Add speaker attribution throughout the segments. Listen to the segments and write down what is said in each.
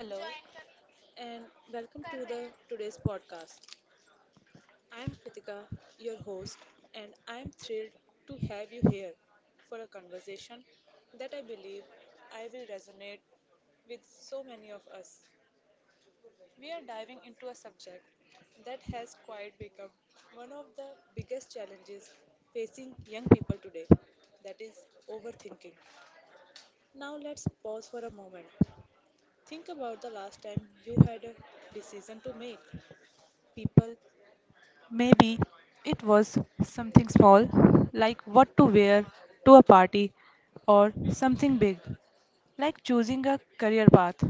Speaker 1: Hello and welcome to the today's podcast. I am Kritika, your host, and I am thrilled to have you here for a conversation that I believe I will resonate with so many of us. We are diving into a subject that has quite become one of the biggest challenges facing young people today, that is overthinking. Now let's pause for a moment. Think about the last time you had a decision to make. People, maybe it was something small, like what to wear to a party, or something big, like choosing a career path.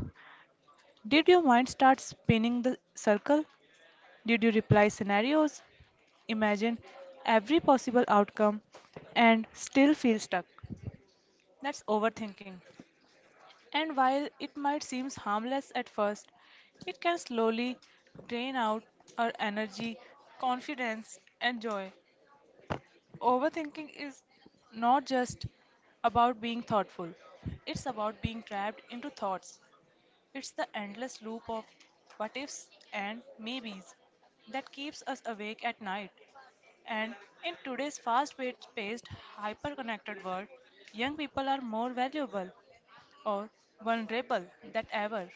Speaker 1: Did your mind start spinning the circle? Did you reply scenarios, imagine every possible outcome, and still feel stuck? That's overthinking. And while it might seem harmless at first, it can slowly drain out our energy, confidence, and joy. Overthinking is not just about being thoughtful, it's about being trapped into thoughts. It's the endless loop of what ifs and maybes that keeps us awake at night. And in today's fast paced, hyper connected world, young people are more valuable or vulnerable than ever.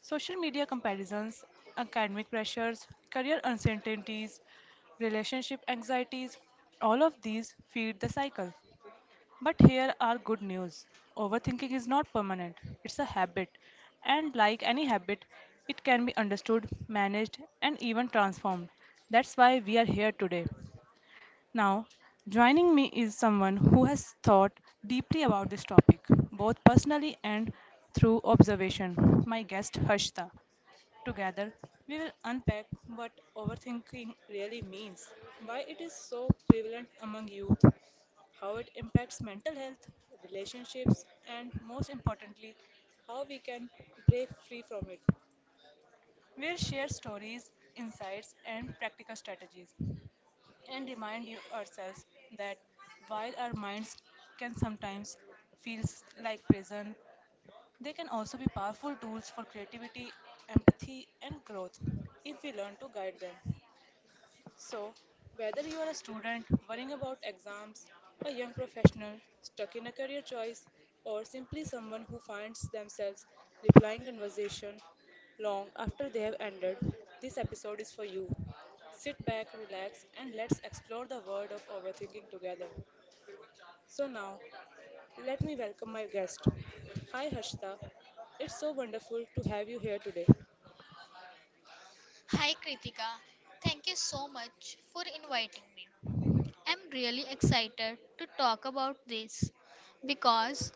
Speaker 1: Social media comparisons, academic pressures, career uncertainties, relationship anxieties, all of these feed the cycle. But here are good news: overthinking is not permanent, it's a habit. And like any habit, it can be understood, managed, and even transformed. That's why we are here today. Now, joining me is someone who has thought deeply about this topic, both personally and through observation, my guest Harshita. Together, we will unpack what overthinking really means, why it is so prevalent among youth, how it impacts mental health, relationships, and most importantly, how we can break free from it. We'll share stories, insights, and practical strategies and remind you ourselves that while our minds can sometimes feel like prison, they can also be powerful tools for creativity, empathy, and growth if we learn to guide them. So, whether you are a student worrying about exams, a young professional stuck in a career choice, or simply someone who finds themselves replying conversation long after they have ended, this episode is for you. Sit back, relax, and let's explore the world of overthinking together. So now, let me welcome my guest. Hi Harshita, it's so wonderful to have you here today. Hi Kritika, thank you so much for inviting. I'm really excited to talk about this because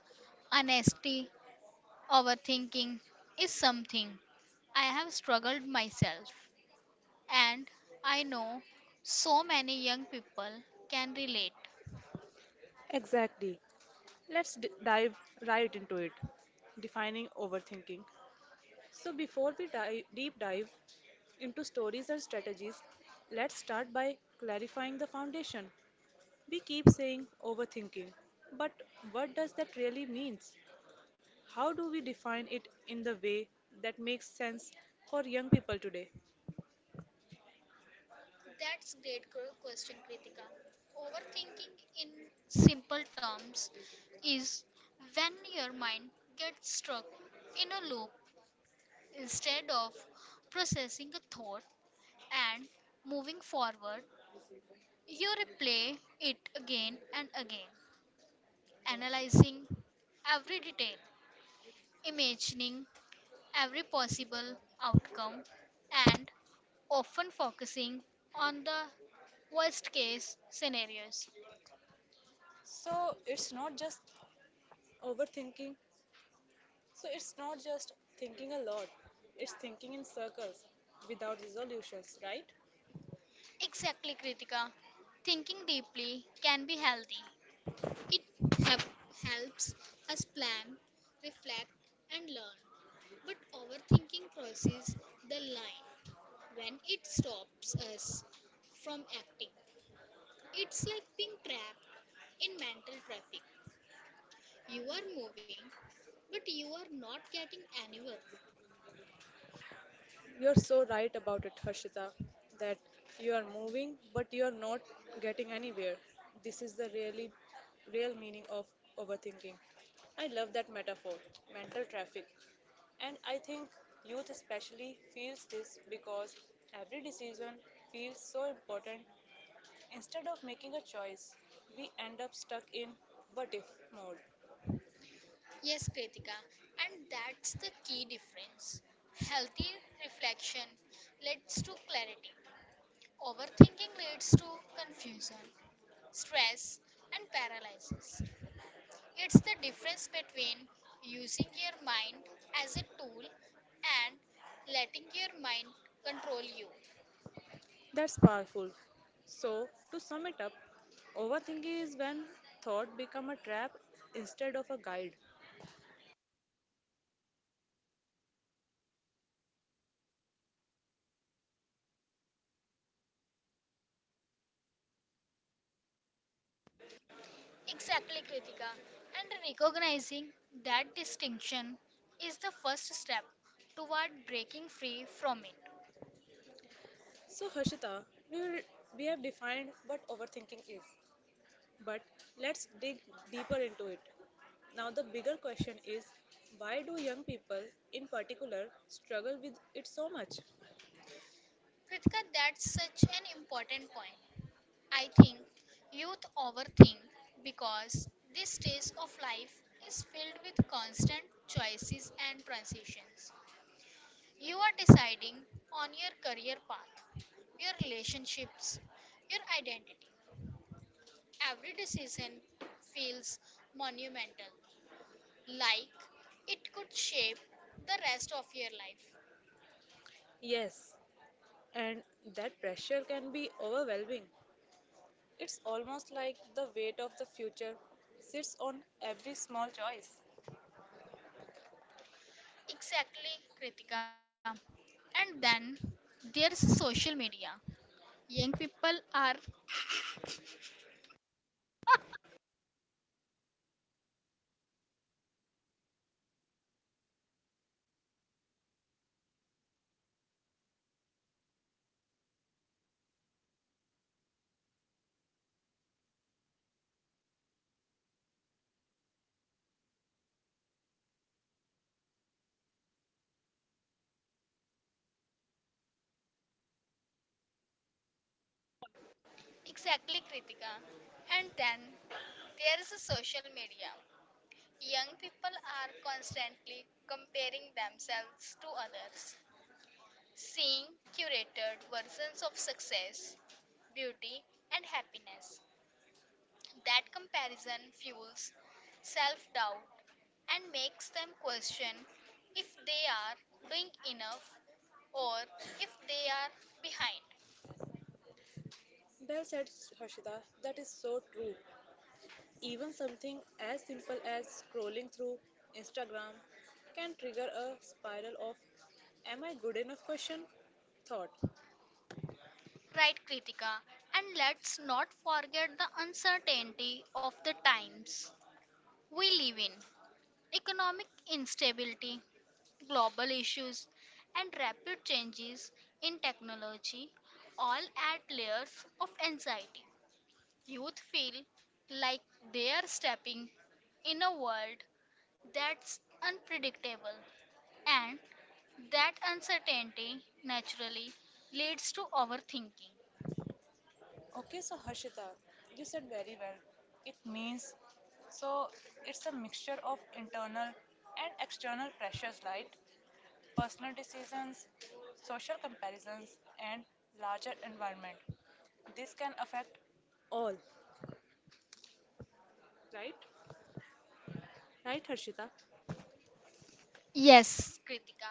Speaker 1: honesty, overthinking is something I have struggled myself and I know so many young people can relate. Exactly. Let's dive right into it. Defining overthinking. So, before we deep dive into stories and strategies, let's start by clarifying the foundation. We keep saying overthinking, but what does that really means? How do we define it in the way that makes sense for young people today? That's great question, Kritika. Overthinking in simple terms is when your mind gets stuck in a loop instead of processing a thought and moving forward, you replay it again and again, analyzing every detail, imagining every possible outcome, and often focusing on the worst case scenarios. So it's not just overthinking. So it's not just thinking a lot. It's thinking in circles without resolutions, right? Exactly, Kritika. Thinking deeply can be healthy. It hep- helps us plan, reflect, and learn. But overthinking crosses the line when it stops us from acting. It's like being trapped in mental traffic. You are moving, but you are not getting anywhere. You're so right about it, Harshita, that you are moving, but you are not getting anywhere. This is the really real meaning of overthinking. I love that metaphor, mental traffic. And I think youth especially feels this because every decision feels so important. Instead of making a choice, we end up stuck in what if mode. Yes, Kritika, and that's the key difference. Healthy reflection leads to clarity. Overthinking leads to confusion, stress, and paralysis. It's the difference between using your mind as a tool and letting your mind control you. That's powerful. So, to sum it up, overthinking is when thought become a trap instead of a guide. Exactly, Kritika. And recognizing that distinction is the first step toward breaking free from it. So, Harshita, we, will, we have defined what overthinking is, but let's dig deeper into it. Now, the bigger question is why do young people in particular struggle with it so much? Kritika, that's such an important point. I think youth overthink because this stage of life is filled with constant choices and transitions. You are deciding on your career path, your relationships, your identity. Every decision feels monumental, like it could shape the rest of your life. Yes, and that pressure can be overwhelming. It's almost like the weight of the future sits on every small choice. Exactly, Kritika. And then there's social media. Young people are exactly Kritika. And then there's social media. Young people are constantly comparing themselves to others, seeing curated versions of success, beauty, and happiness. That comparison fuels self doubt and makes them question if they are doing enough or if they are behind. Well said, Harshita. That is so true. Even something as simple as scrolling through Instagram can trigger a spiral of am I good enough question thought. Right, Kritika, and let's not forget the uncertainty of the times we live in. Economic instability, global issues, and rapid changes in technology all add layers of anxiety. Youth feel like they are stepping in a world that's unpredictable, and that uncertainty naturally leads to overthinking. Okay, so Harshita, you said very well. It means so it's a mixture of internal and external pressures like personal decisions, social comparisons, and larger environment. This can affect all, right? Right, Harshita? Yes, Kritika.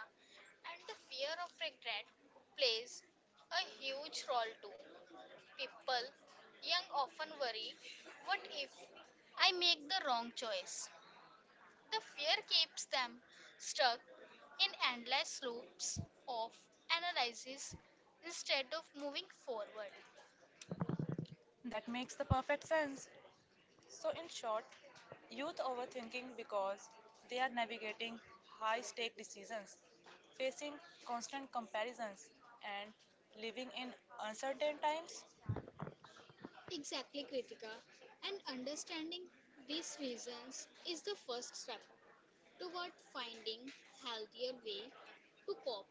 Speaker 1: And the fear of regret plays a huge role too. People young often worry, what if I make the wrong choice? The fear keeps them stuck in endless loops of analysis instead of moving forward. That makes the perfect sense. So, in short, youth overthinking because they are navigating high stake decisions, facing constant comparisons, and living in uncertain times. Exactly, Kritika. And understanding these reasons is the first step toward finding healthier way to cope.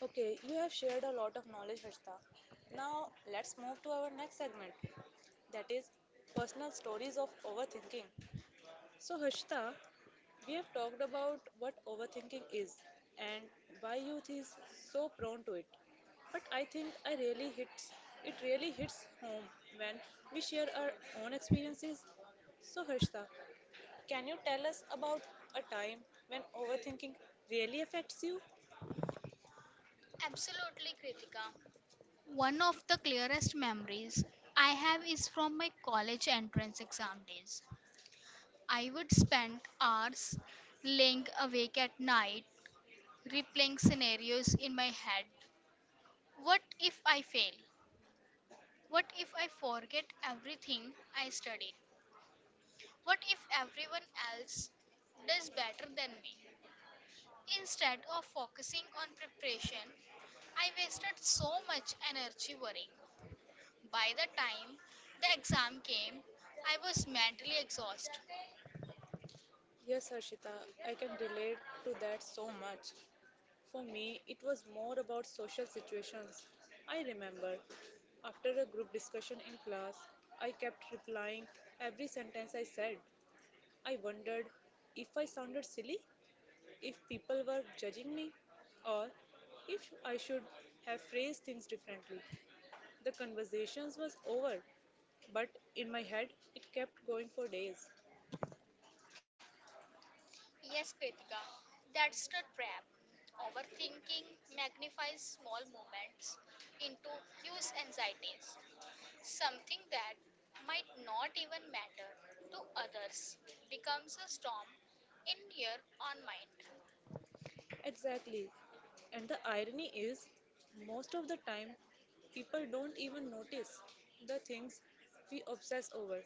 Speaker 1: Okay, you have shared a lot of knowledge, Harshita. Now let's move to our next segment, that is personal stories of overthinking. So, Harshita, we have talked about what overthinking is and why youth is so prone to it. But I think I really hits it really hits home when we share our own experiences. So, Harshita, can you tell us about a time when overthinking really affects you? Absolutely, Kritika. One of the clearest memories I have is from my college entrance exam days. I would spend hours laying awake at night, replaying scenarios in my head. What if I fail? What if I forget everything I studied? What if everyone else does better than me? Instead of focusing on preparation, I wasted so much energy worrying. By the time the exam came, I was mentally exhausted. Yes, Harshita, I can relate to that so much. For me, it was more about social situations. I remember after a group discussion in class, I kept replying every sentence I said. I wondered if I sounded silly, if people were judging me, or if I should have phrased things differently. The conversations was over, but in my head it kept going for days. Yes, Kritika, that's the trap. Overthinking magnifies small moments into huge anxieties, something that might not even matter to others becomes a storm in your own mind. Exactly. And the irony is, most of the time, people don't even notice the things we obsess over.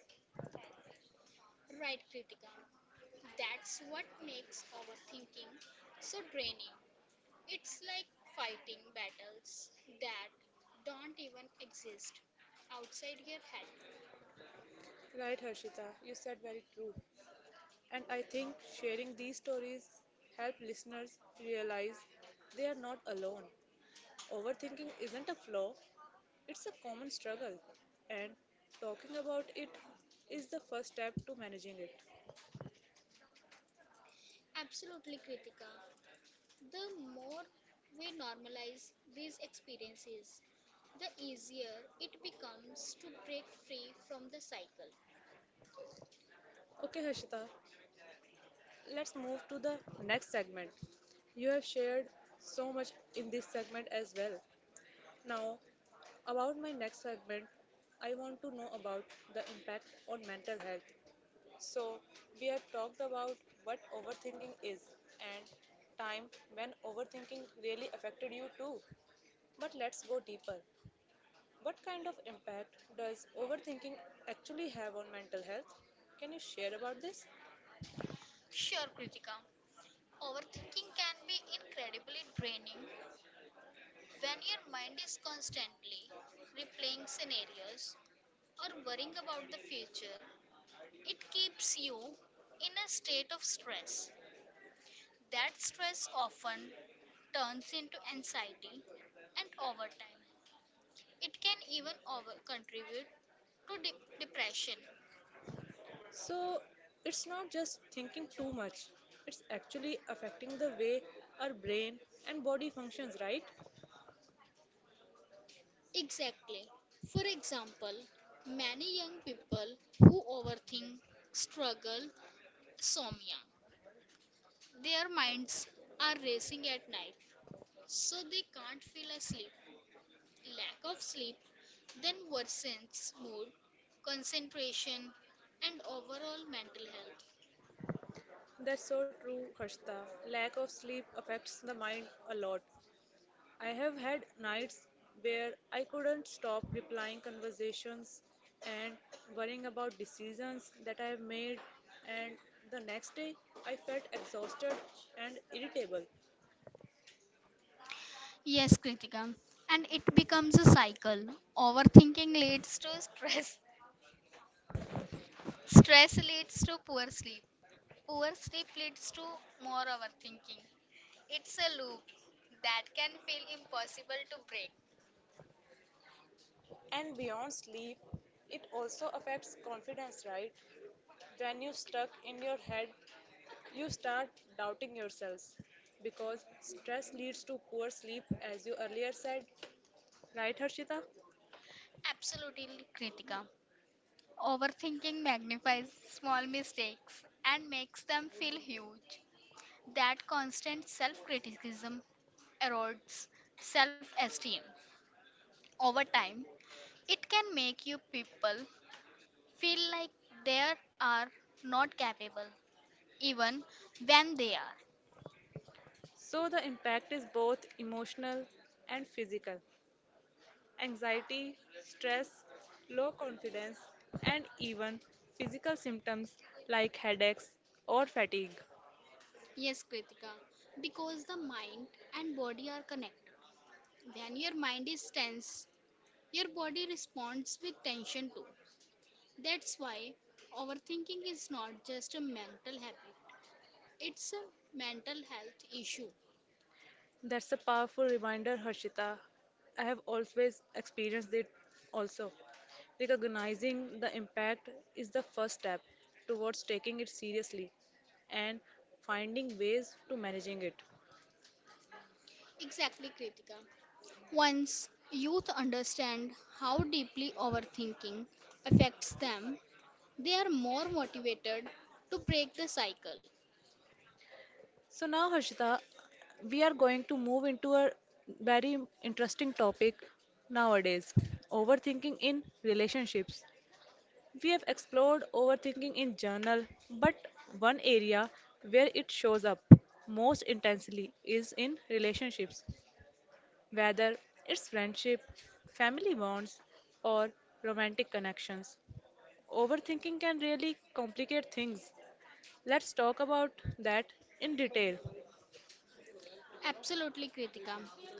Speaker 1: Right, Kritika. That's what makes our thinking so draining. It's like fighting battles that don't even exist outside your head. Right, Harshita, you said very true. And I think sharing these stories help listeners realize they are not alone. Overthinking isn't a flaw, it's a common struggle, and talking about it is the first step to managing it. Absolutely, Kritika. The more we normalize these experiences, the easier it becomes to break free from the cycle. Okay, Harshita, let's move to the next segment. You have shared so much in this segment as well. Now, about my next segment, I want to know about the impact on mental health. So, we have talked about what overthinking is and time when overthinking really affected you too. But let's go deeper. What kind of impact does overthinking actually have on mental health? Can you share about this? Sure, Kritika. Overthinking can be incredibly draining. When your mind is constantly replaying scenarios or worrying about the future, it keeps you in a state of stress. That stress often turns into anxiety and over time. It can even over contribute to depression. So it's not just thinking too much, it's actually affecting the way our brain and body functions, right? Exactly. For example, many young people who overthink struggle insomnia. Their minds are racing at night, so they can't feel asleep. Lack of sleep then worsens mood, concentration, and overall mental health. That's so true, Harshita. Lack of sleep affects the mind a lot. I have had nights where I couldn't stop replying conversations and worrying about decisions that I have made, and the next day I felt exhausted and irritable. Yes, Kritika. And it becomes a cycle. Overthinking leads to stress. Stress leads to poor sleep. Poor sleep leads to more overthinking. It's a loop that can feel impossible to break. And beyond sleep, it also affects confidence, right? When you're stuck in your head, you start doubting yourselves because stress leads to poor sleep, as you earlier said, right, Harshita? Absolutely, Kritika. Overthinking magnifies small mistakes and makes them feel huge. That constant self criticism erodes self esteem. Over time, it can make you people feel like they are not capable, even when they are. So the impact is both emotional and physical. Anxiety, stress, low confidence, and even physical symptoms like headaches or fatigue. Yes, Kritika, because the mind and body are connected. When your mind is tense, your body responds with tension too. That's why overthinking is not just a mental habit, it's a mental health issue. That's a powerful reminder, Harshita. I have always experienced it also. Recognizing the impact is the first step towards taking it seriously and finding ways to managing it. Exactly, Kritika. Once youth understand how deeply overthinking affects them, they are more motivated to break the cycle. So now, Harshita, we are going to move into a very interesting topic nowadays overthinking in relationships. We have explored overthinking in journal, but one area where it shows up most intensely is in relationships, whether it's friendship, family bonds, or romantic connections. Overthinking can really complicate things. Let's talk about that in detail. Absolutely, Kritika.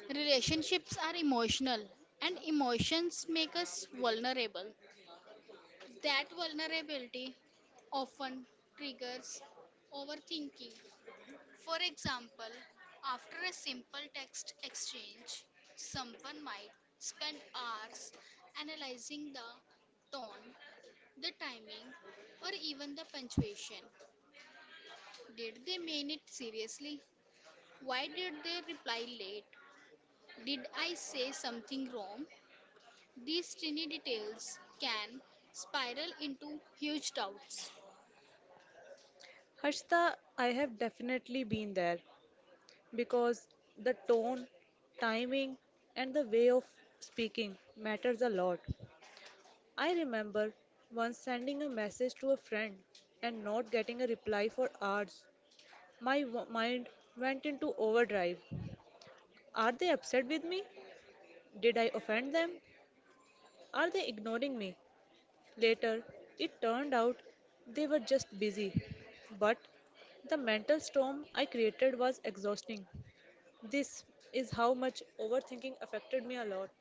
Speaker 1: Relationships are emotional, and emotions make us vulnerable. That vulnerability often triggers overthinking. For example, after a simple text exchange, someone might spend hours analyzing the tone, the timing, or even the punctuation. Did they mean it seriously? Why did they reply late? Did I say something wrong? These tiny details can spiral into huge doubts. Harshita, I have definitely been there because the tone, timing, and the way of speaking matters a lot. I remember once sending a message to a friend and not getting a reply for hours. My mind went into overdrive. Are they upset with me? Did I offend them? Are they ignoring me? Later, it turned out they were just busy. But the mental storm I created was exhausting. This is how much overthinking affected me a lot.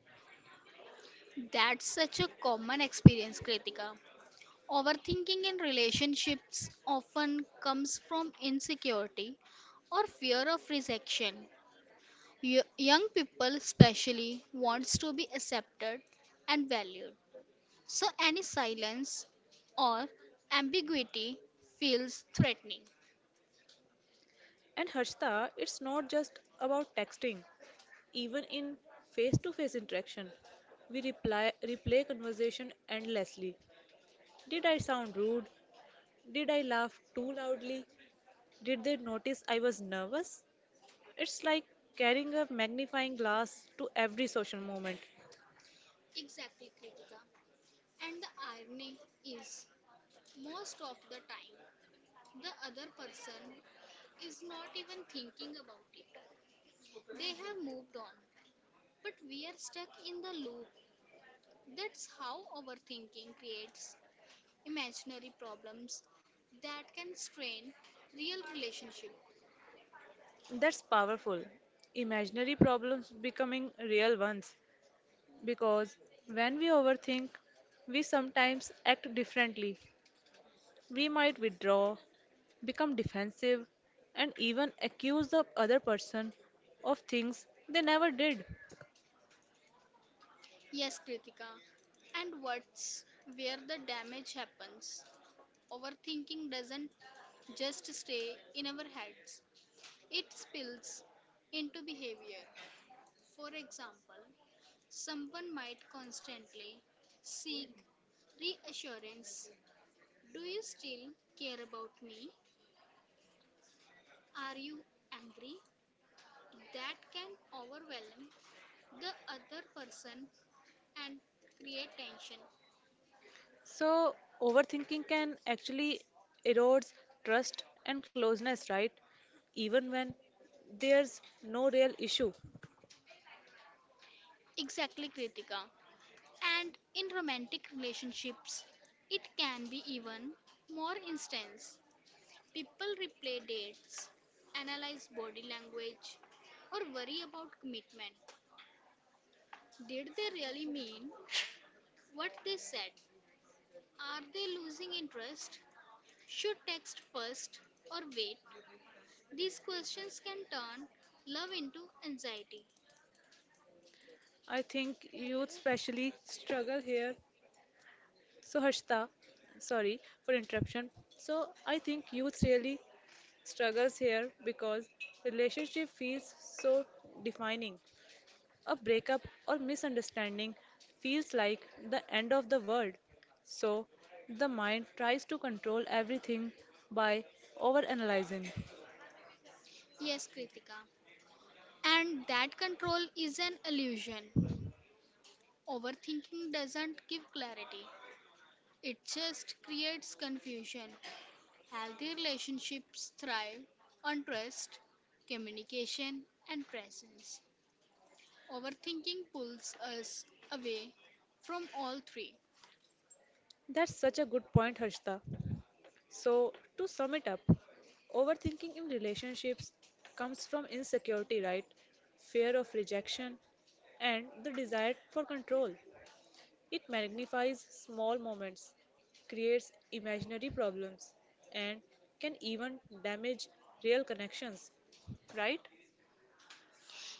Speaker 1: That's such a common experience, Kritika. Overthinking in relationships often comes from insecurity or fear of rejection. Young people especially wants to be accepted and valued. So any silence or ambiguity feels threatening. And Harshita, it's not just about texting. Even in face-to-face interaction, we reply, replay conversation endlessly. Did I sound rude? Did I laugh too loudly? Did they notice I was nervous? It's like carrying a magnifying glass to every social moment. Exactly, Kritika. And the irony is, most of the time, the other person is not even thinking about it. They have moved on, but we are stuck in the loop. That's how overthinking creates imaginary problems that can strain real relationships. That's powerful. Imaginary problems becoming real ones because when we overthink, we sometimes act differently. We might withdraw, become defensive, and even accuse the other person of things they never did. Yes, Kritika. And what's where the damage happens? Overthinking doesn't just stay in our heads, it spills into behavior. For example, someone might constantly seek reassurance. Do you still care about me? Are you angry? That can overwhelm the other person and create tension. So, overthinking can actually erodes trust and closeness, right? Even when there's no real issue. Exactly, Kritika. And in romantic relationships, it can be even more intense. People replay dates, analyze body language, or worry about commitment. Did they really mean what they said? Are they losing interest? Should text first or wait? These questions can turn love into anxiety. I think youth especially struggle here. So Harshita, sorry for interruption. So I think youth really struggles here because relationship feels so defining. A breakup or misunderstanding feels like the end of the world. So, the mind tries to control everything by overanalyzing. Yes, Kritika. And that control is an illusion. Overthinking doesn't give clarity, it just creates confusion. Healthy relationships thrive on trust, communication, and presence. Overthinking pulls us away from all three. That's such a good point, Harshita. So, to sum it up, overthinking in relationships comes from insecurity, right? Fear of rejection and the desire for control. It magnifies small moments, creates imaginary problems, and can even damage real connections, right?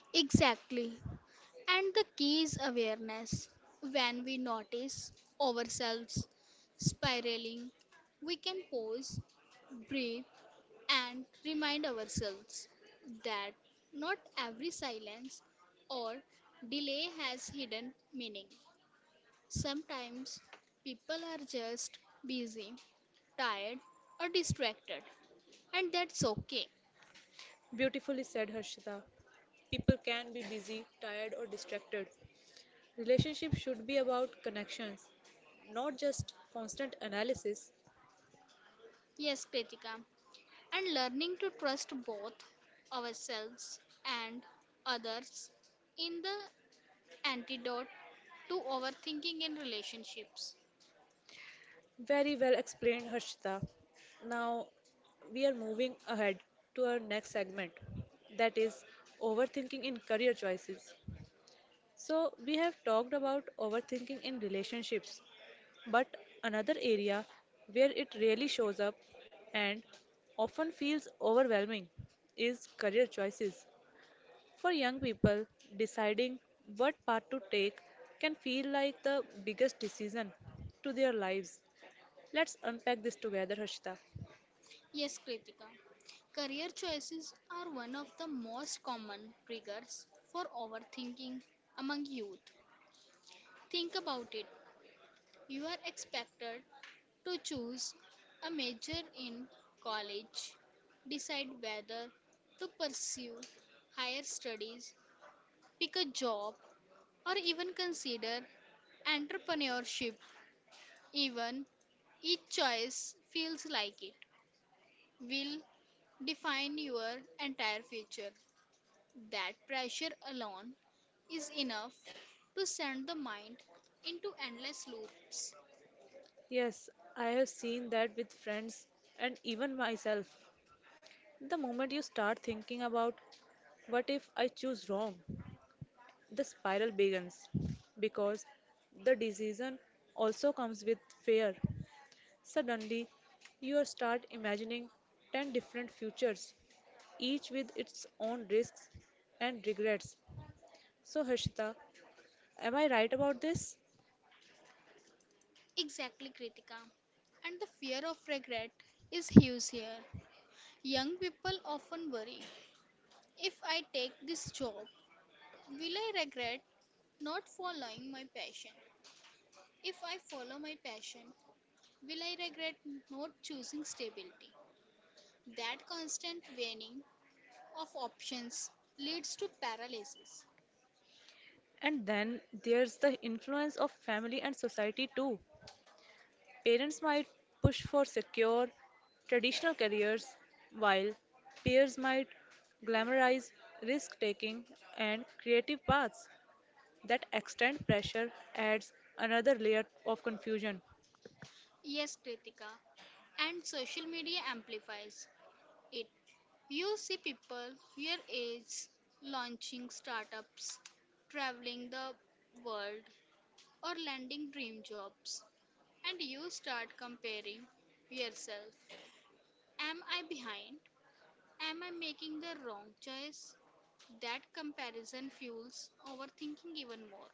Speaker 1: Exactly. And the key is awareness. When we notice ourselves spiraling, we can pause, breathe, and remind ourselves that not every silence or delay has hidden meaning. Sometimes people are just busy, tired, or distracted, and that's okay. Beautifully said, Harshita. People can be busy, tired, or distracted. Relationships should be about connections, not just constant analysis. Yes, Kritika. And learning to trust both ourselves and others in the antidote to overthinking in relationships. Very well explained, Harshita. Now we are moving ahead to our next segment that is overthinking in career choices. So, we have talked about overthinking in relationships, but another area where it really shows up and often feels overwhelming is career choices. For young people, deciding what path to take can feel like the biggest decision to their lives. Let's unpack this together, Harshita. Yes, Kritika. Career choices are one of the most common triggers for overthinking among youth. Think about it. You are expected to choose a major in college, decide whether to pursue higher studies, pick a job, or even consider entrepreneurship. Even each choice feels like it will define your entire future. That pressure alone is enough to send the mind into endless loops. Yes, I have seen that with friends and even myself. The moment you start thinking about what if I choose wrong, the spiral begins because the decision also comes with fear. Suddenly, you start imagining 10 different futures, each with its own risks and regrets. So, Harshita, am I right about this? Exactly, Kritika. And the fear of regret is huge here. Young people often worry if I take this job, will I regret not following my passion? If I follow my passion, will I regret not choosing stability? That constant weighing of options leads to paralysis. And then there's the influence of family and society too. Parents might push for secure, traditional careers, while peers might glamorize risk taking and creative paths. That extent pressure adds another layer of confusion. Yes, Kritika. And social media amplifies it. You see people your age launching startups, traveling the world, or landing dream jobs. And you start comparing yourself. Am I behind? Am I making the wrong choice? That comparison fuels overthinking even more.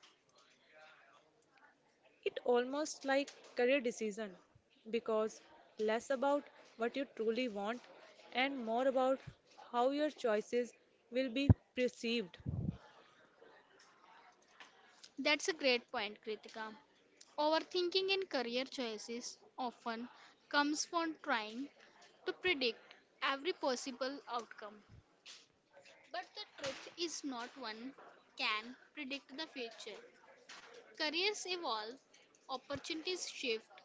Speaker 1: It almost like career decision because less about what you truly want and more about how your choices will be perceived. That's a great point, Kritika. Overthinking in career choices often comes from trying to predict every possible outcome. But the truth is not one can predict the future. Careers evolve, opportunities shift,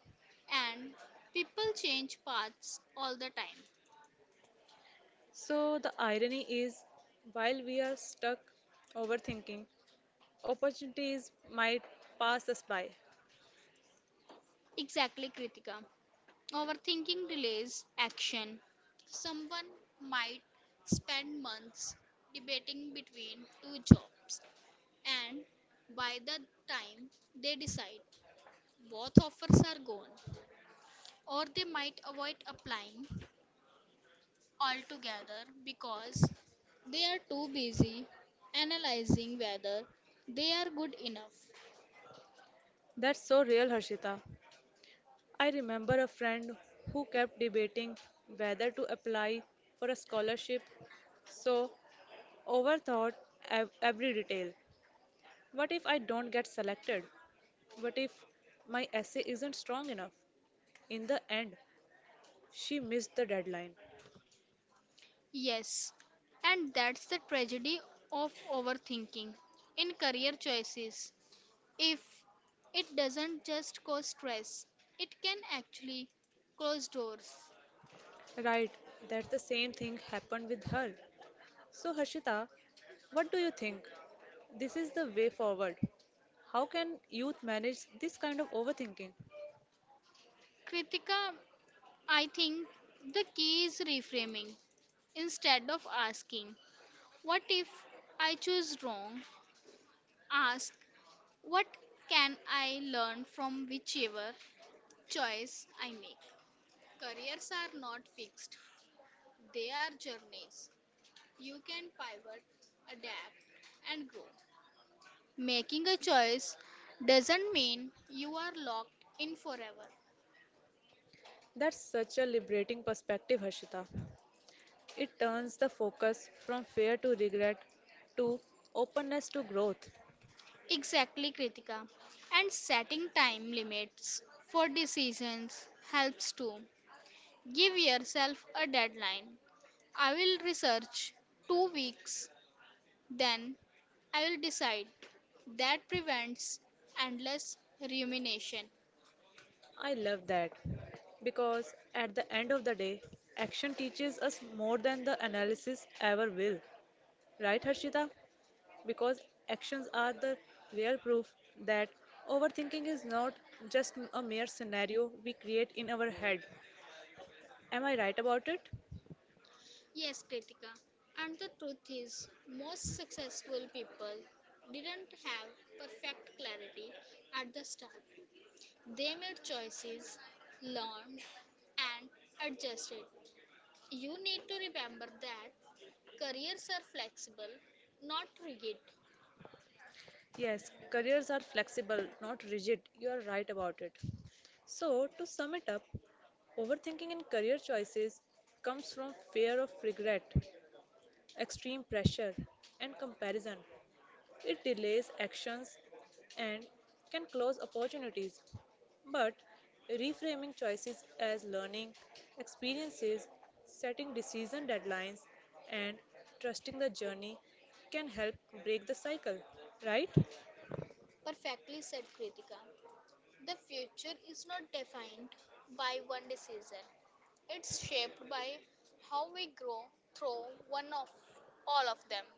Speaker 1: and people change paths all the time. So the irony is, while we are stuck overthinking, opportunities might pass us by. Exactly, Kritika. Overthinking delays action. Someone might spend months debating between two jobs, and by the time they decide, both offers are gone. Or they might avoid applying altogether because they are too busy analyzing whether they are good enough. That's so real, Harshita. I remember a friend who kept debating whether to apply for a scholarship, so overthought every detail. What if I don't get selected? What if my essay isn't strong enough? In the end, she missed the deadline. Yes, and that's the tragedy of overthinking in career choices. If it doesn't just cause stress, it can actually close doors. Right, that the same thing happened with her. So, Harshita, what do you think? This is the way forward. How can youth manage this kind of overthinking? Kritika, I think the key is reframing. Instead of asking, what if I choose wrong? Ask, what can I learn from whichever choice I make? Careers are not fixed, they are journeys. You can pivot, adapt, and grow. Making a choice doesn't mean you are locked in forever. That's such a liberating perspective, Harshita. It turns the focus from fear to regret to openness to growth. Exactly, Kritika. And setting time limits for decisions helps too. Give yourself a deadline. I will research 2 weeks then I will decide. That prevents endless rumination. I love that because at the end of the day, action teaches us more than the analysis ever will. Right, Harshita? Because actions are the real proof that overthinking is not just a mere scenario we create in our head. Am I right about it? Yes, Kritika. And the truth is, most successful people didn't have perfect clarity at the start. They made choices, learned, and adjusted. You need to remember that careers are flexible, not rigid. Yes, careers are flexible, not rigid. You are right about it. So, to sum it up, overthinking in career choices comes from fear of regret, extreme pressure, and comparison. It delays actions and can close opportunities. But reframing choices as learning experiences, setting decision deadlines, and trusting the journey can help break the cycle, right? Perfectly said, Kritika. The future is not defined by one decision, it's shaped by how we grow through one of all of them.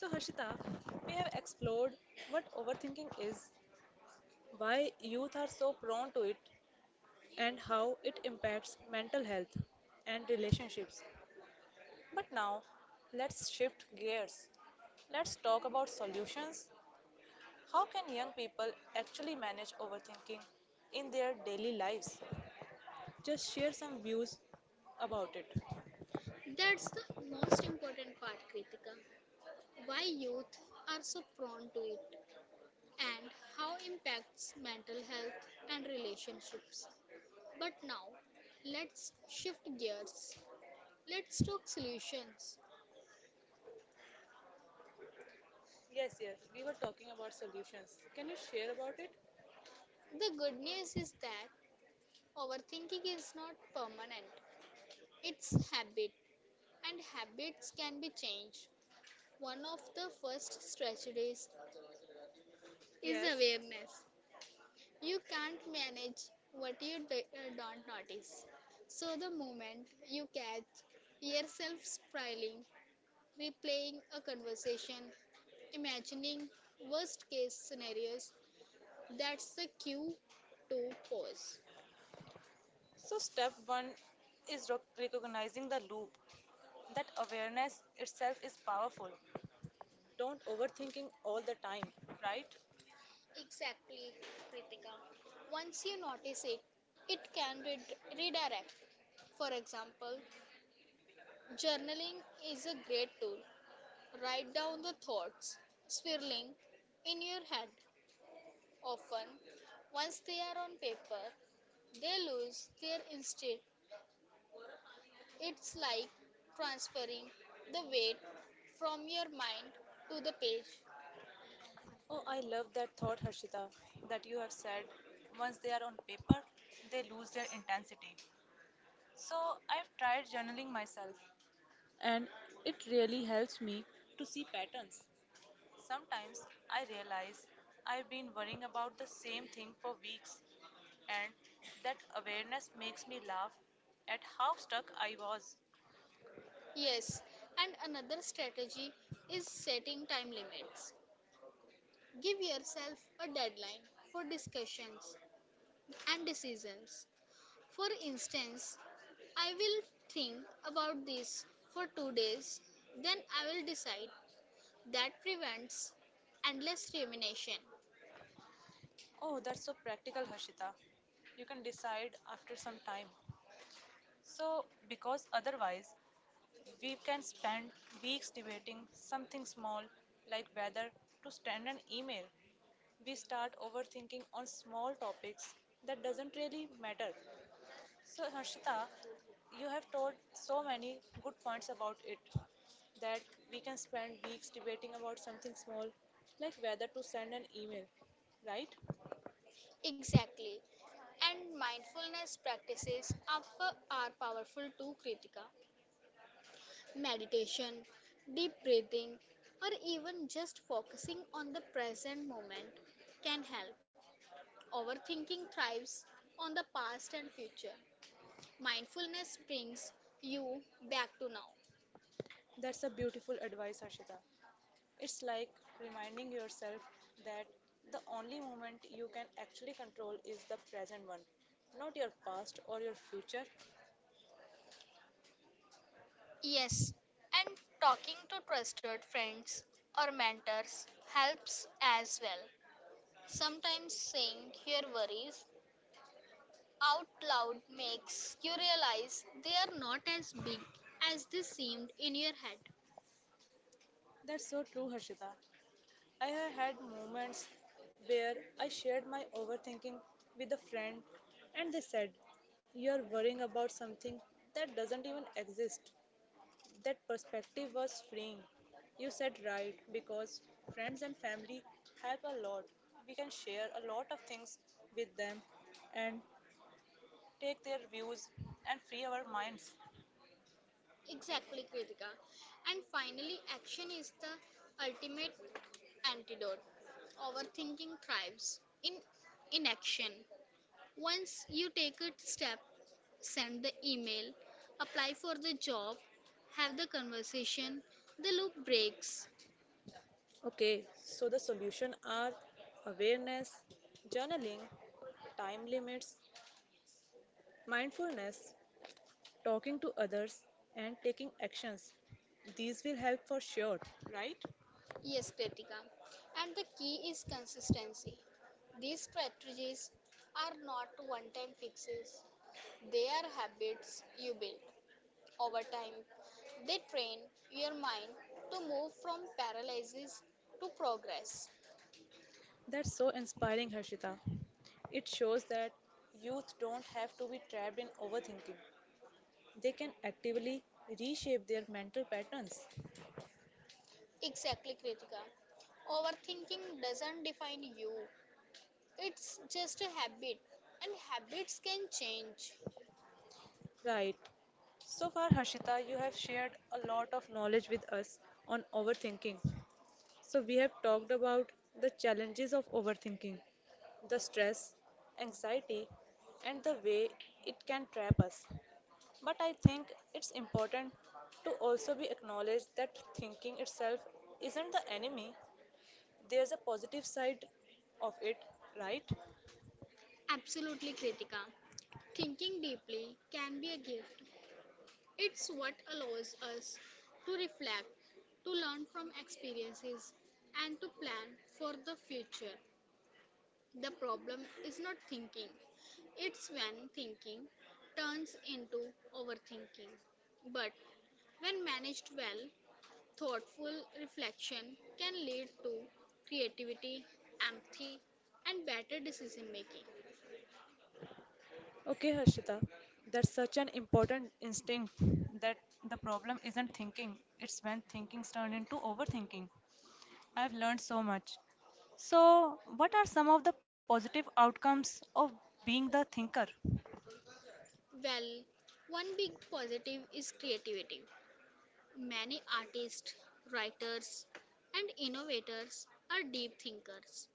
Speaker 1: So, Harshita, we have explored what overthinking is, why youth are so prone to it, and how it impacts mental health and relationships. But now, let's shift gears. Let's talk about solutions. How can young people actually manage overthinking in their daily lives? Just share some views about it. That's the most important part, Kritika. Why youth are so prone to it, and how impacts mental health and relationships. But now, let's shift gears. Let's talk solutions. Yes, yes, we were talking about solutions. Can you share about it? The good news is that overthinking is not permanent. It's habit and habits can be changed. One of the first strategies is yes, awareness. You can't manage what you don't notice. So, the moment you catch yourself spiraling, replaying a conversation, imagining worst case scenarios, that's the cue to pause. So, step one is recognizing the loop. That awareness itself is powerful. Don't overthinking all the time, right? Exactly, Kritika. Once you notice it, it can redirect. For example, journaling is a great tool. Write down the thoughts swirling in your head. Often, once they are on paper, they lose their instinct. It's like transferring the weight from your mind to the page. Oh, I love that thought, Harshita, that you have said once they are on paper, they lose their intensity. So I've tried journaling myself, and it really helps me to see patterns. Sometimes I realize I've been worrying about the same thing for weeks, and that awareness makes me laugh at how stuck I was. Yes, and another strategy is setting time limits. Give yourself a deadline for discussions and decisions. For instance, I will think about this for 2 days, then I will decide. That prevents endless rumination. Oh, that's so practical, Harshita. You can decide after some time. So, because otherwise, we can spend weeks debating something small like whether to send an email. We start overthinking on small topics that doesn't really matter. So, Harshita, you have told so many good points about it that we can spend weeks debating about something small, like whether to send an email, right? Exactly. And mindfulness practices are, are powerful too, Kritika. Meditation, deep breathing, or even just focusing on the present moment can help. Overthinking thrives on the past and future. Mindfulness brings you back to now. That's a beautiful advice, Harshita. It's like reminding yourself that the only moment you can actually control is the present one, not your past or your future. Yes, and talking to trusted friends or mentors helps as well. Sometimes saying your worries out loud makes you realize they are not as big as they seemed in your head. That's so true, Harshita. I have had moments where I shared my overthinking with a friend and they said, "You're worrying about something that doesn't even exist." That perspective was freeing. You said right because friends and family help a lot. We can share a lot of things with them and take their views and free our minds. Exactly, Kritika. And finally, action is the ultimate antidote. Overthinking thrives in inaction. Once you take a step, send the email, apply for the job, have the conversation, the loop breaks. Okay, so the solution are awareness, journaling, time limits, mindfulness, talking to others, and taking actions. These will help for sure, right? Yes, Kritika. And the key is consistency. These strategies are not one time fixes, they are habits you build over time. They train your mind to move from paralysis to progress. That's so inspiring, Harshita. It shows that youth don't have to be trapped in overthinking. They can actively reshape their mental patterns. Exactly, Kritika. Overthinking doesn't define you, it's just a habit, and habits can change. Right. So far, Harshita, you have shared a lot of knowledge with us on overthinking. So, we have talked about the challenges of overthinking, the stress, anxiety, and the way it can trap us. But I think it's important to also be acknowledged that thinking itself isn't the enemy. There's a positive side of it, right? Absolutely, Kritika. Thinking deeply can be a gift. It's what allows us to reflect, to learn from experiences, and to plan for the future. The problem is not thinking, it's when thinking turns into overthinking. But when managed well, thoughtful reflection can lead to creativity, empathy, and better decision making. Okay, Harshita, that's such an important instinct that the problem isn't thinking, it's when thinkings turn into overthinking. I've learned so much. So, what are some of the positive outcomes of being the thinker? Well, one big positive is creativity. Many artists, writers, and innovators are deep thinkers.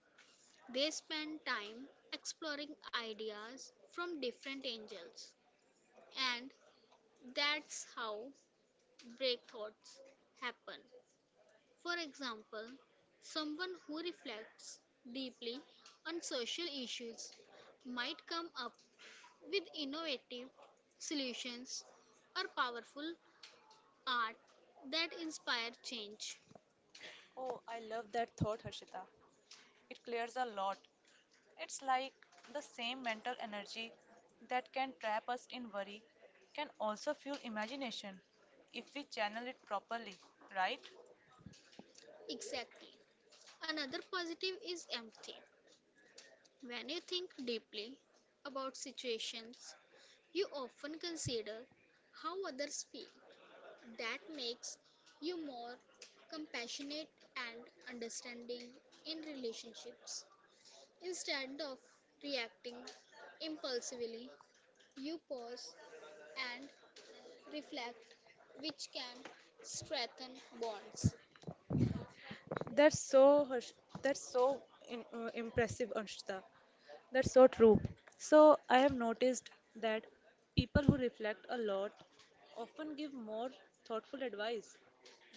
Speaker 1: They spend time exploring ideas from different angles, and that's how breakthroughs happen. For example, someone who reflects deeply on social issues might come up with innovative solutions or powerful art that inspire change. Oh, I love that thought, Harshita. It clears a lot. It's like the same mental energy that can trap us in worry can also fuel imagination if we channel it properly, right? Exactly. Another positive is empathy. When you think deeply about situations, you often consider how others feel. That makes you more compassionate and understanding in relationships. Instead of reacting impulsively, you pause and reflect, which can strengthen bonds. That's so Harsh- that's so impressive, Anshita. That's so true. So, I have noticed that people who reflect a lot often give more thoughtful advice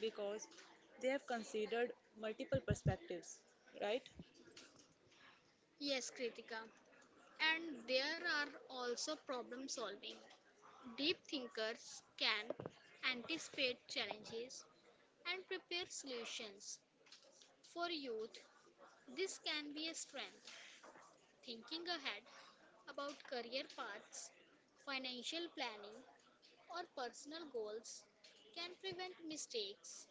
Speaker 1: because they have considered multiple perspectives, right? Yes, Kritika. And there are also problem solving. Deep thinkers can anticipate challenges and prepare solutions. For youth, this can be a strength. Thinking ahead about career paths, financial planning, or personal goals can prevent mistakes.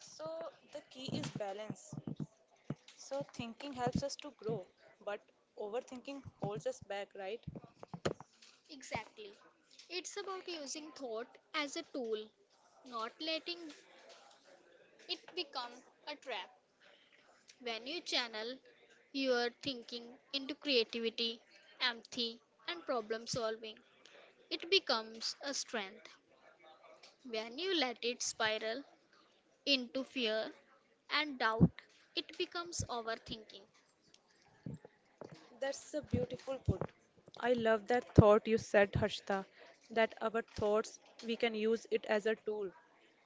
Speaker 1: So, the key is balance. So, thinking helps us to grow, but overthinking holds us back, right? Exactly. It's about using thought as a tool, not letting it become a trap. When you channel your thinking into creativity, empathy, and problem solving, it becomes a strength. When you let it spiral into fear and doubt, it becomes overthinking. That's a beautiful put. I love that thought you said, Harshita, that our thoughts, we can use it as a tool,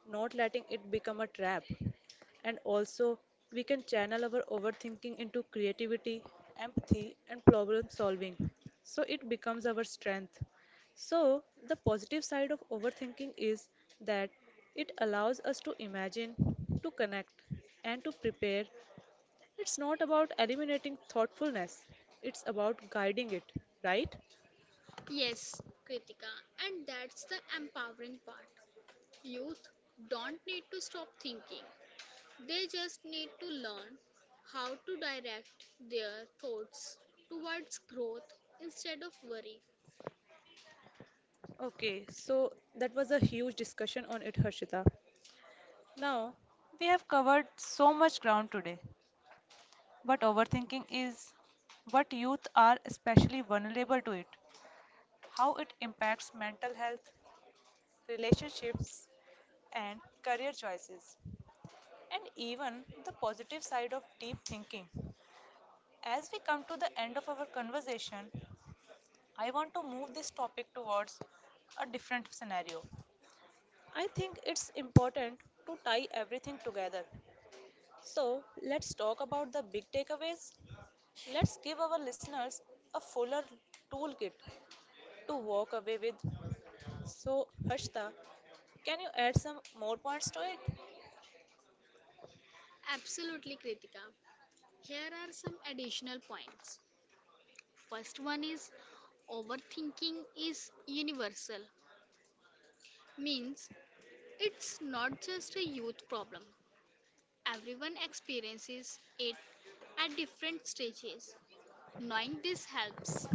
Speaker 1: not letting it become a trap. And also, we can channel our overthinking into creativity, empathy, and problem solving. So it becomes our strength. So, the positive side of overthinking is that it allows us to imagine, to connect, and to prepare. It's not about eliminating thoughtfulness, it's about guiding it, right? Yes, Kritika, and that's the empowering part. Youth don't need to stop thinking. They just need to learn how to direct their thoughts towards growth instead of worry. Okay, so that was a huge discussion on it, Harshita. Now, we have covered so much ground today, but overthinking is what youth are especially vulnerable to it, how it impacts mental health, relationships, and career choices, and even the positive side of deep thinking. As we come to the end of our conversation, I want to move this topic towards a different scenario. I think it's important to tie everything together. So, let's talk about the big takeaways. Let's give our listeners a fuller toolkit to walk away with. So, Harshita, can you add some more points to it? Absolutely, Kritika. Here are some additional points. First one is overthinking is universal, means it's not just a youth problem. Everyone experiences it at different stages. Knowing this helps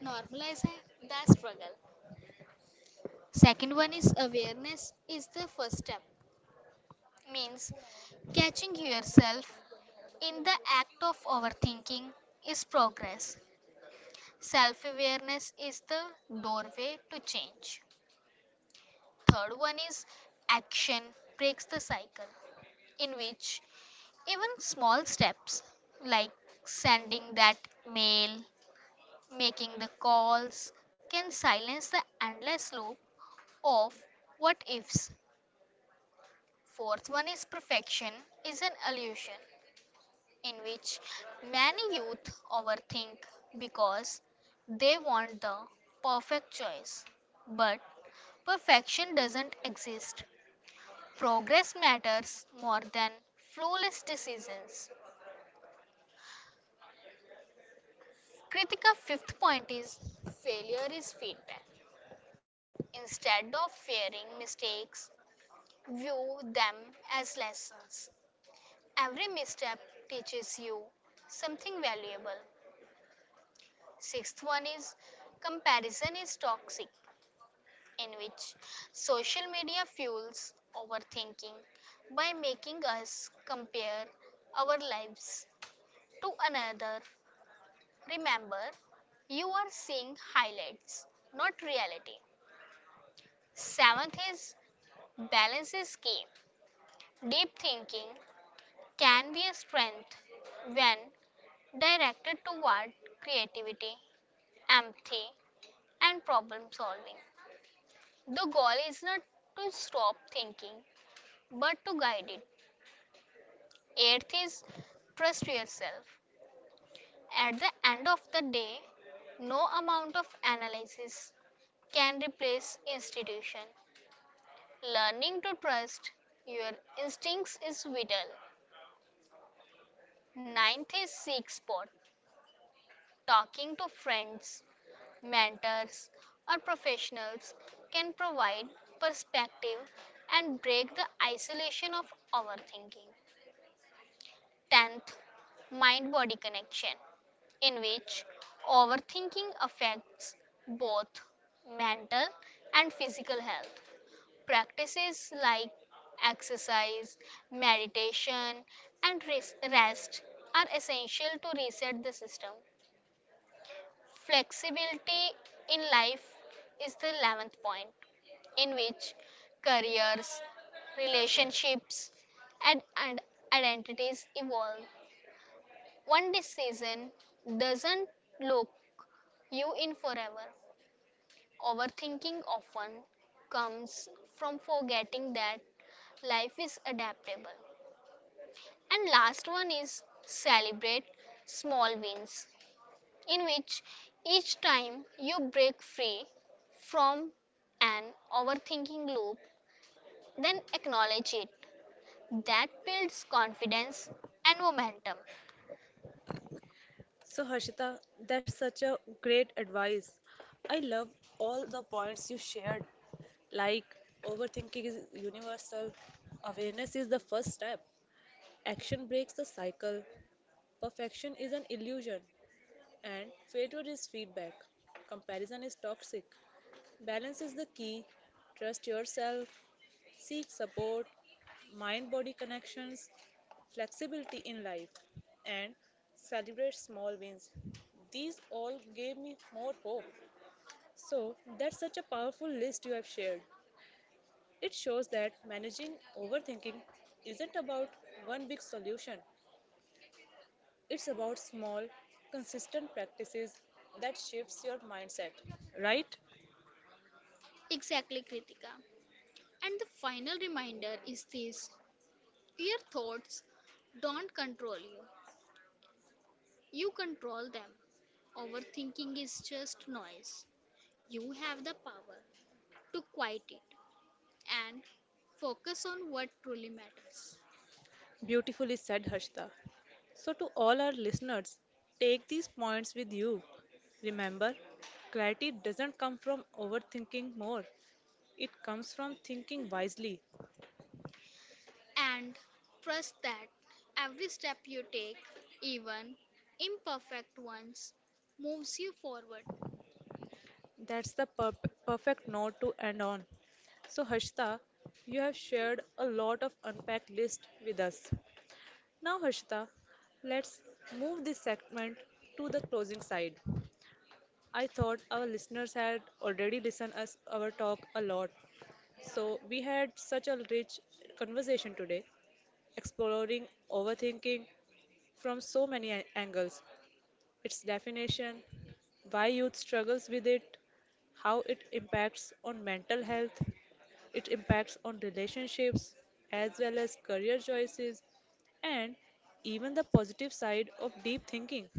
Speaker 1: normalize the struggle. Second one is awareness is the first step, means self in is a door dodge. Third is action. Even small steps like sending that mail, making the calls can silence the endless loop of what ifs. Fourth one is perfection is an illusion, in which many youth overthink because they want the perfect choice. But perfection doesn't exist. Progress matters more than flawless decisions. Kritika, fifth point is failure is feedback. Instead of fearing mistakes, view them as lessons. Every misstep teaches you something valuable. Sixth one is comparison is toxic, in which social media fuels overthinking by making us compare our lives to another. Remember, you are seeing highlights, not reality. Seventh is balance is key. Deep thinking can be a strength when directed toward creativity, empathy, and problem solving. The goal is not to stop thinking, but to guide it. Eighth is trust yourself. At the end of the day, no amount of analysis can replace institution. Learning to trust your instincts is vital. Ninth is seek support. Talking to friends, mentors, or professionals can provide perspective and break the isolation of overthinking. Tenth, mind body connection, in which overthinking affects both mental and physical health. Practices like exercise, meditation, and rest are essential to reset the system. Flexibility in life is the 11th point, in which careers, relationships, and identities evolve. One decision doesn't lock you in forever. Overthinking often comes from forgetting that life is adaptable. And last one is celebrate small wins, in which each time you break free from an overthinking loop, then acknowledge it. That builds confidence and momentum. So, Harshita, that's such a great advice. I love all the points you shared. Like, overthinking is universal, awareness is the first step, action breaks the cycle, perfection is an illusion, and failure is feedback. Comparison is toxic. Balance is the key. Trust yourself, seek support, mind body connections, flexibility in life, and celebrate small wins. These all gave me more hope. So, that's such a powerful list you have shared. It shows that managing overthinking isn't about one big solution, it's about small, consistent practices that shifts your mindset, right? Exactly, Kritika. And the final reminder is this, your thoughts don't control you, you control them. Overthinking is just noise. You have the power to quiet it and focus on what truly matters. Beautifully said, Harshita. So, to all our listeners, take these points with you. Remember, clarity doesn't come from overthinking more, it comes from thinking wisely. And trust that every step you take, even imperfect ones, moves you forward. That's the perfect note to end on. So, Harshita, you have shared a lot of unpacked list with us. Now, Harshita, let's move this segment to the closing side. I thought our listeners had already listened us our talk a lot. So, we had such a rich conversation today, exploring overthinking from so many angles. Its definition, why youth struggles with it, how it impacts on mental health. It impacts on relationships as well as career choices and even the positive side of deep thinking.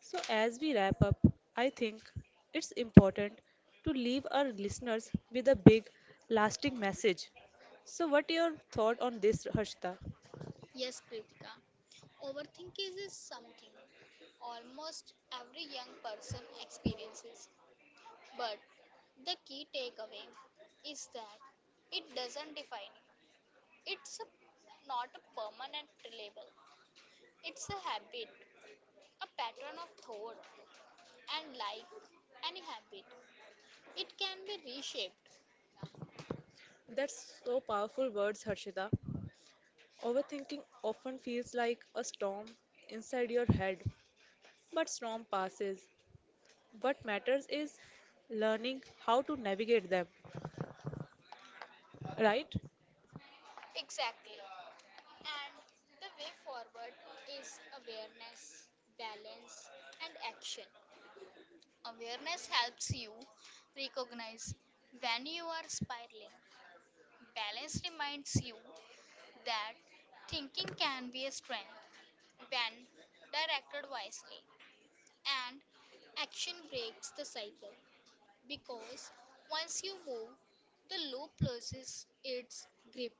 Speaker 1: So, as we wrap up, I think it's important to leave our listeners with a big, lasting message. So, what your thought on this, Harshita? Yes, Kritika. Overthinking is something almost every young person experiences. But the key takeaway is that it doesn't define you. It's a, not a permanent label. It's a habit, a pattern of thought, and like any habit, it can be reshaped. That's so powerful words, Harshita. Overthinking often feels like a storm inside your head, but storm passes. What matters is learning how to navigate them, right? Exactly. And the way forward is awareness, balance, and action. Awareness helps you recognize when you are spiraling. Balance reminds you that thinking can be a strength when directed wisely. And action breaks the cycle because once you move, the loop loses its grip.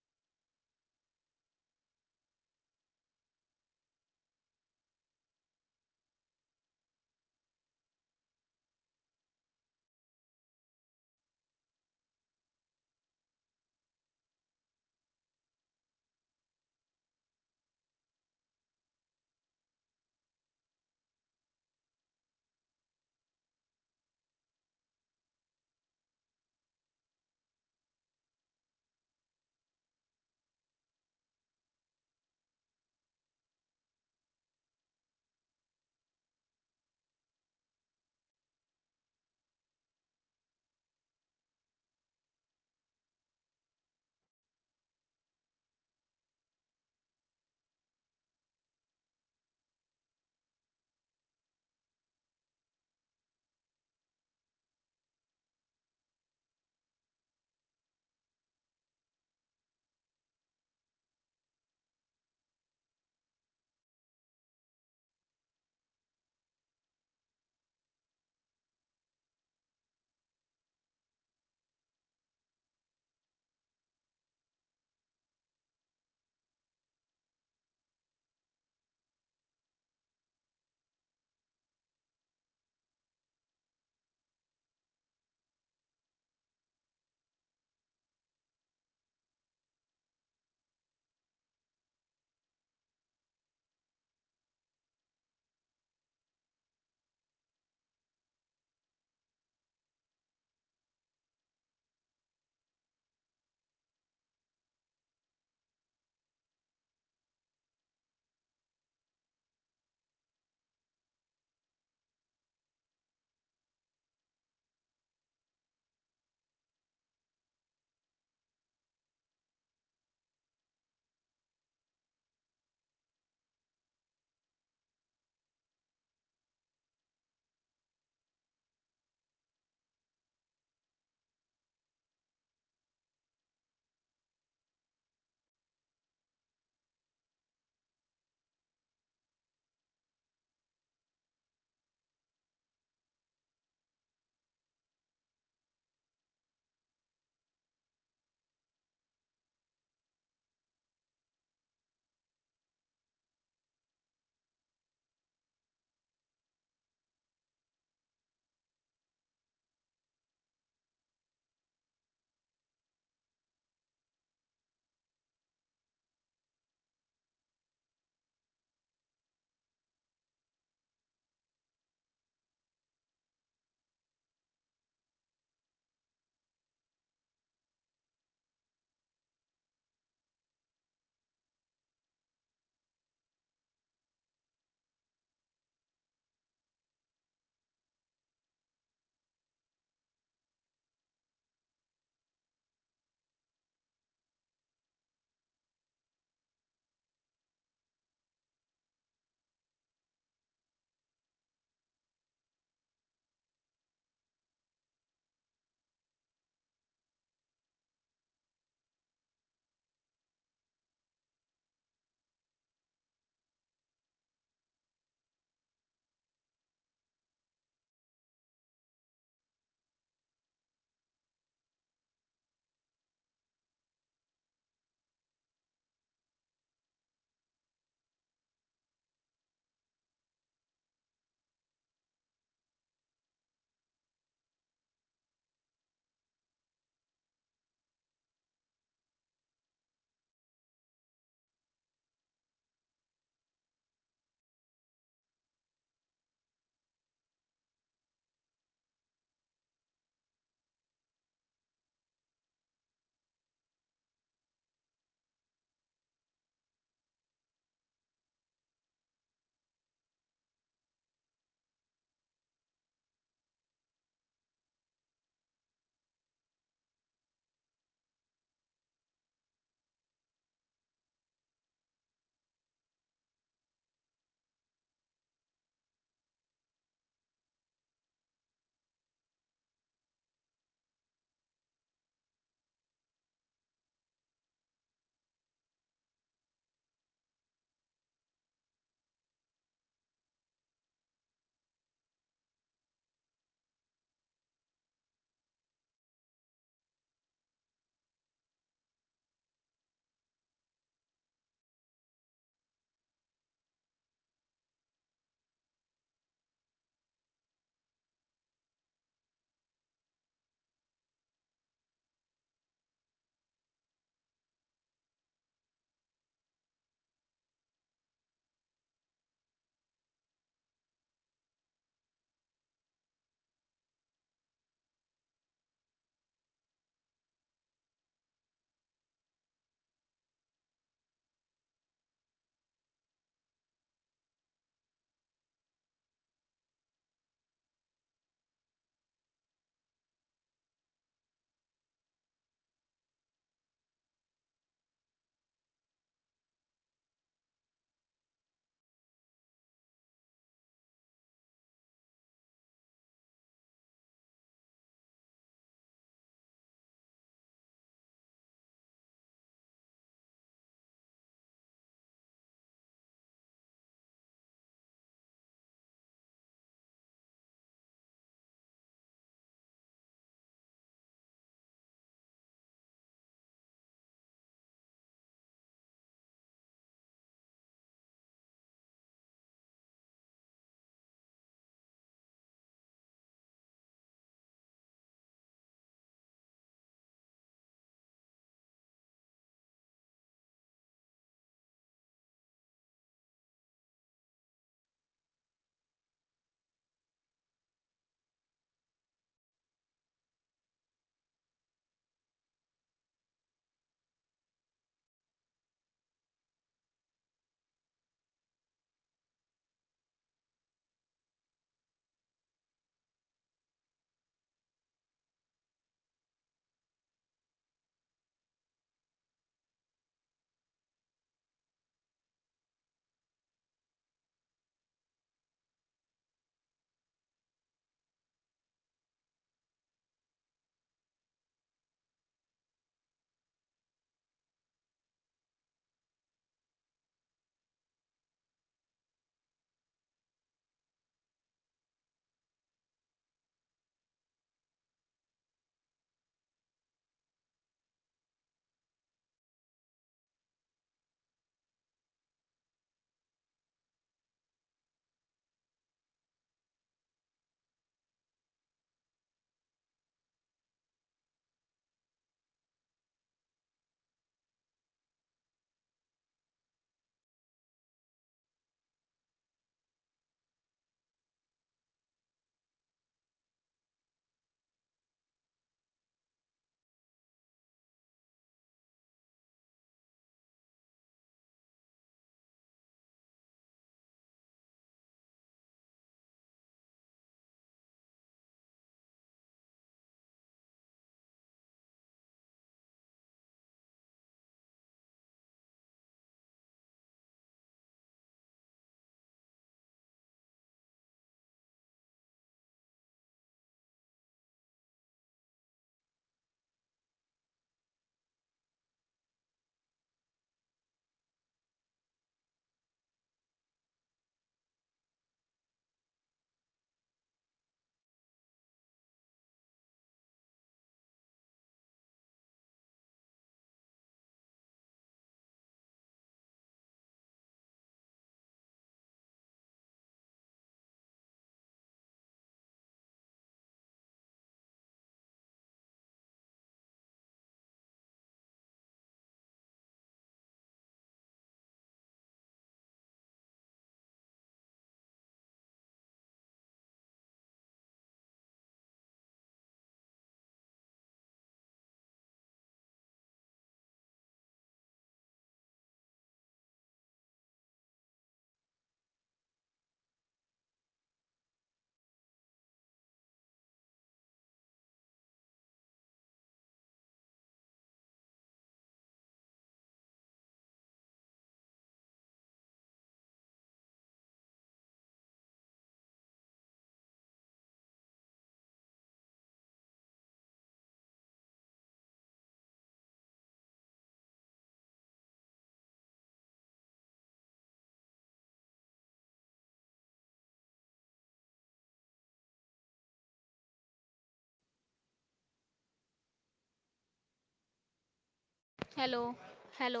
Speaker 2: Hello, hello.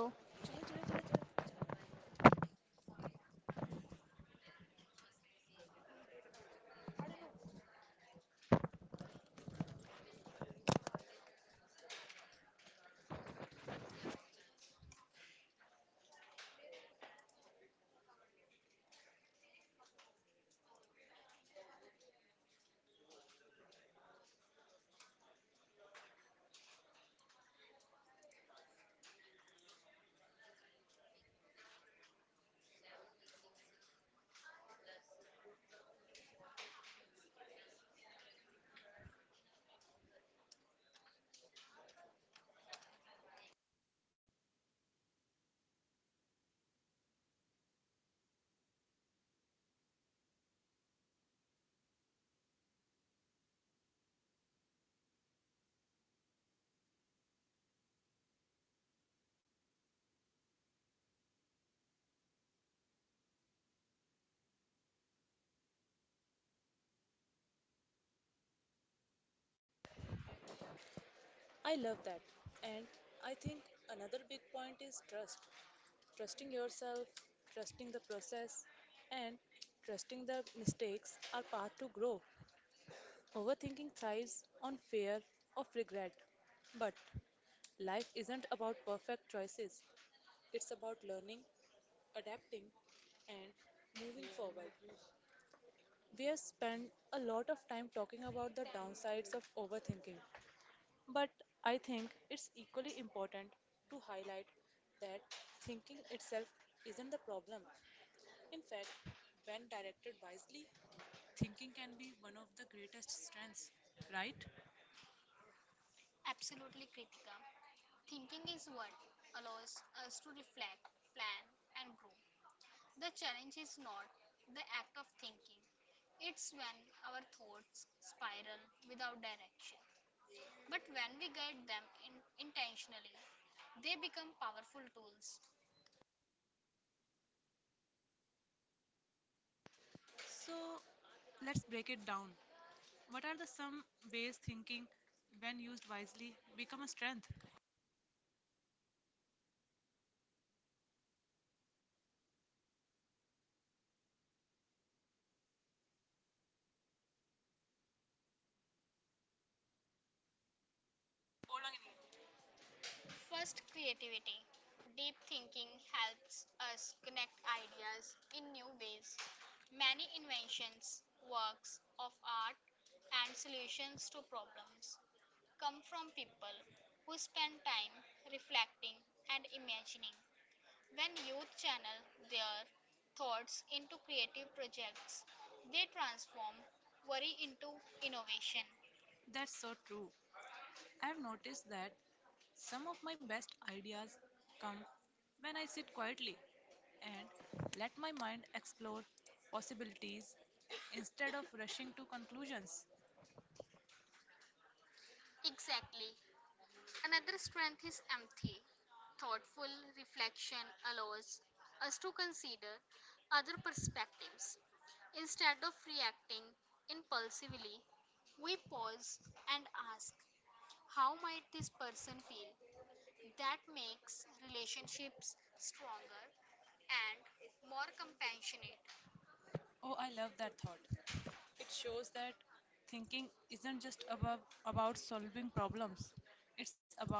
Speaker 2: I love that. And I think another big point is trust. Trusting yourself, trusting the process, and trusting the mistakes are part to grow. Overthinking thrives on fear of regret. But life isn't about perfect choices, it's about learning, adapting, and moving forward. We have spent a lot of time talking about the downsides of overthinking, but I think it's equally important to highlight that thinking itself isn't the problem. In fact, when directed wisely, thinking can be one of the greatest strengths, right? Absolutely, Kritika. Thinking is what allows us to reflect, plan, and grow. The challenge is not the act of thinking, it's when our thoughts spiral without direction. But when we guide them in intentionally, they become powerful tools. So let's break it down. What are the some ways thinking, when used wisely, become a strength? First, creativity. Deep thinking helps us connect ideas in new ways. Many inventions, works of art, and solutions to problems come from people who spend time reflecting and imagining. When youth channel their thoughts into creative projects, they transform worry into innovation. That's so true. I have noticed that some of my best ideas come when I sit quietly and let my mind explore possibilities instead of rushing to conclusions. Exactly. Another strength is empathy. Thoughtful reflection allows us to consider other perspectives. Instead of reacting impulsively, we pause and ask, how might this person feel? That makes relationships stronger and more compassionate. Oh, I love that thought. It shows that thinking isn't just about solving problems, it's about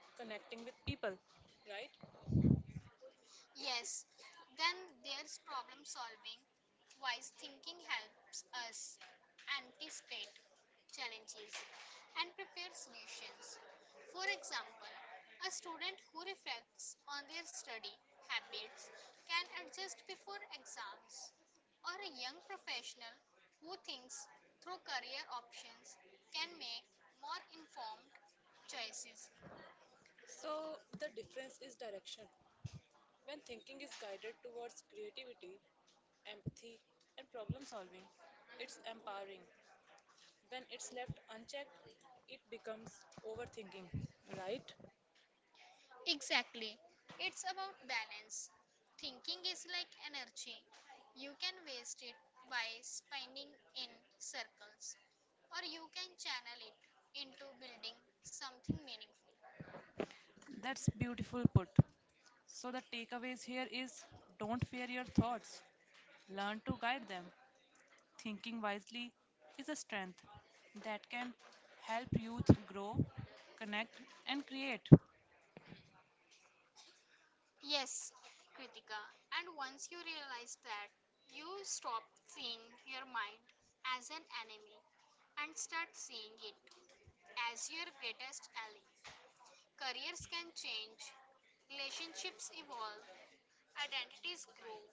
Speaker 2: connecting with people, right? Yes, then there's problem solving. Wise thinking helps us anticipate challenges and prepare solutions. For example, a student who reflects on their study habits can adjust before exams, or a young professional who thinks through career options can make more informed choices. So, the difference is direction. When thinking is guided towards creativity, empathy, and problem solving, it's empowering. When it's left unchecked, it becomes overthinking, right? Exactly. It's about balance. Thinking is like energy. You can waste it by spinning in circles, or you can channel it into building something meaningful. That's beautiful put. So, the takeaways here is don't fear your thoughts, learn to guide them. Thinking wisely is a strength that can help youth grow, connect, and create. Yes, Kritika. And once you realize that, you stop seeing your mind as an enemy and start seeing it as your greatest ally. Careers can change, relationships evolve, identities grow,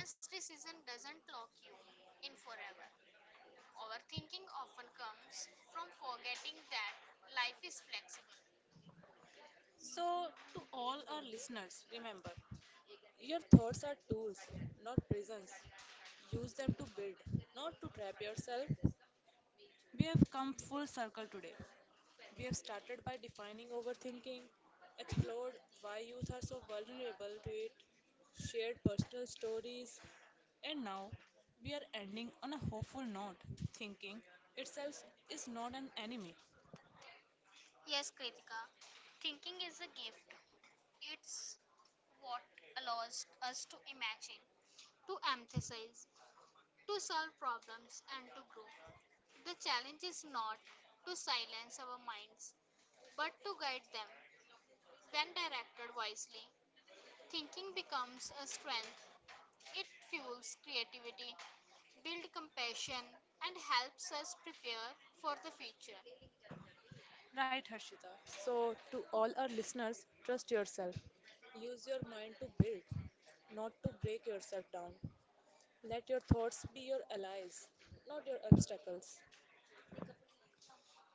Speaker 2: once decision doesn't lock you in forever, overthinking often comes from forgetting that life is flexible. So, to all our listeners, remember your thoughts are tools, not prisons. Use them to build, not to trap yourself. We have come full circle today. We have started by defining overthinking, explored why youth are so vulnerable to it, shared personal stories, and now we are ending on a hopeful note. Thinking itself is not an enemy. Yes, Kritika. Thinking is a gift. It's what allows us to imagine, to emphasize, to solve problems, and to grow. The challenge is not to silence our minds, but to guide them. When directed wisely, thinking becomes a strength. It fuels creativity, builds compassion, and helps us prepare for the future. Right, Harshita. So, to all our listeners, trust yourself. Use your mind to build, not to break yourself down. Let your thoughts be your allies, not your obstacles.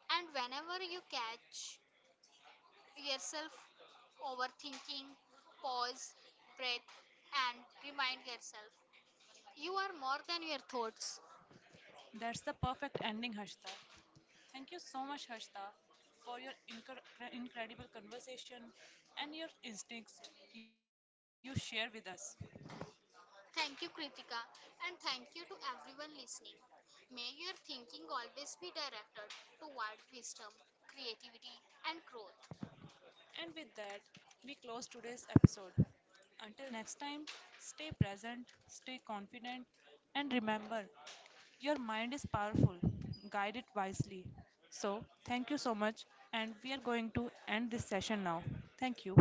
Speaker 2: And whenever you catch yourself overthinking, pause, breathe, and remind yourself you are more than your thoughts. That's the perfect ending, Harshita. Thank you so much, Harshita, for your incredible conversation and your instincts you share with us. Thank you, Kritika, and thank you to everyone listening. May your thinking always be directed toward wisdom, creativity, and growth. And with that, we close today's episode. Until next time, stay present, stay confident, and remember your mind is powerful. Guide it wisely. So, thank you so much. And we are going to end this session now. Thank you.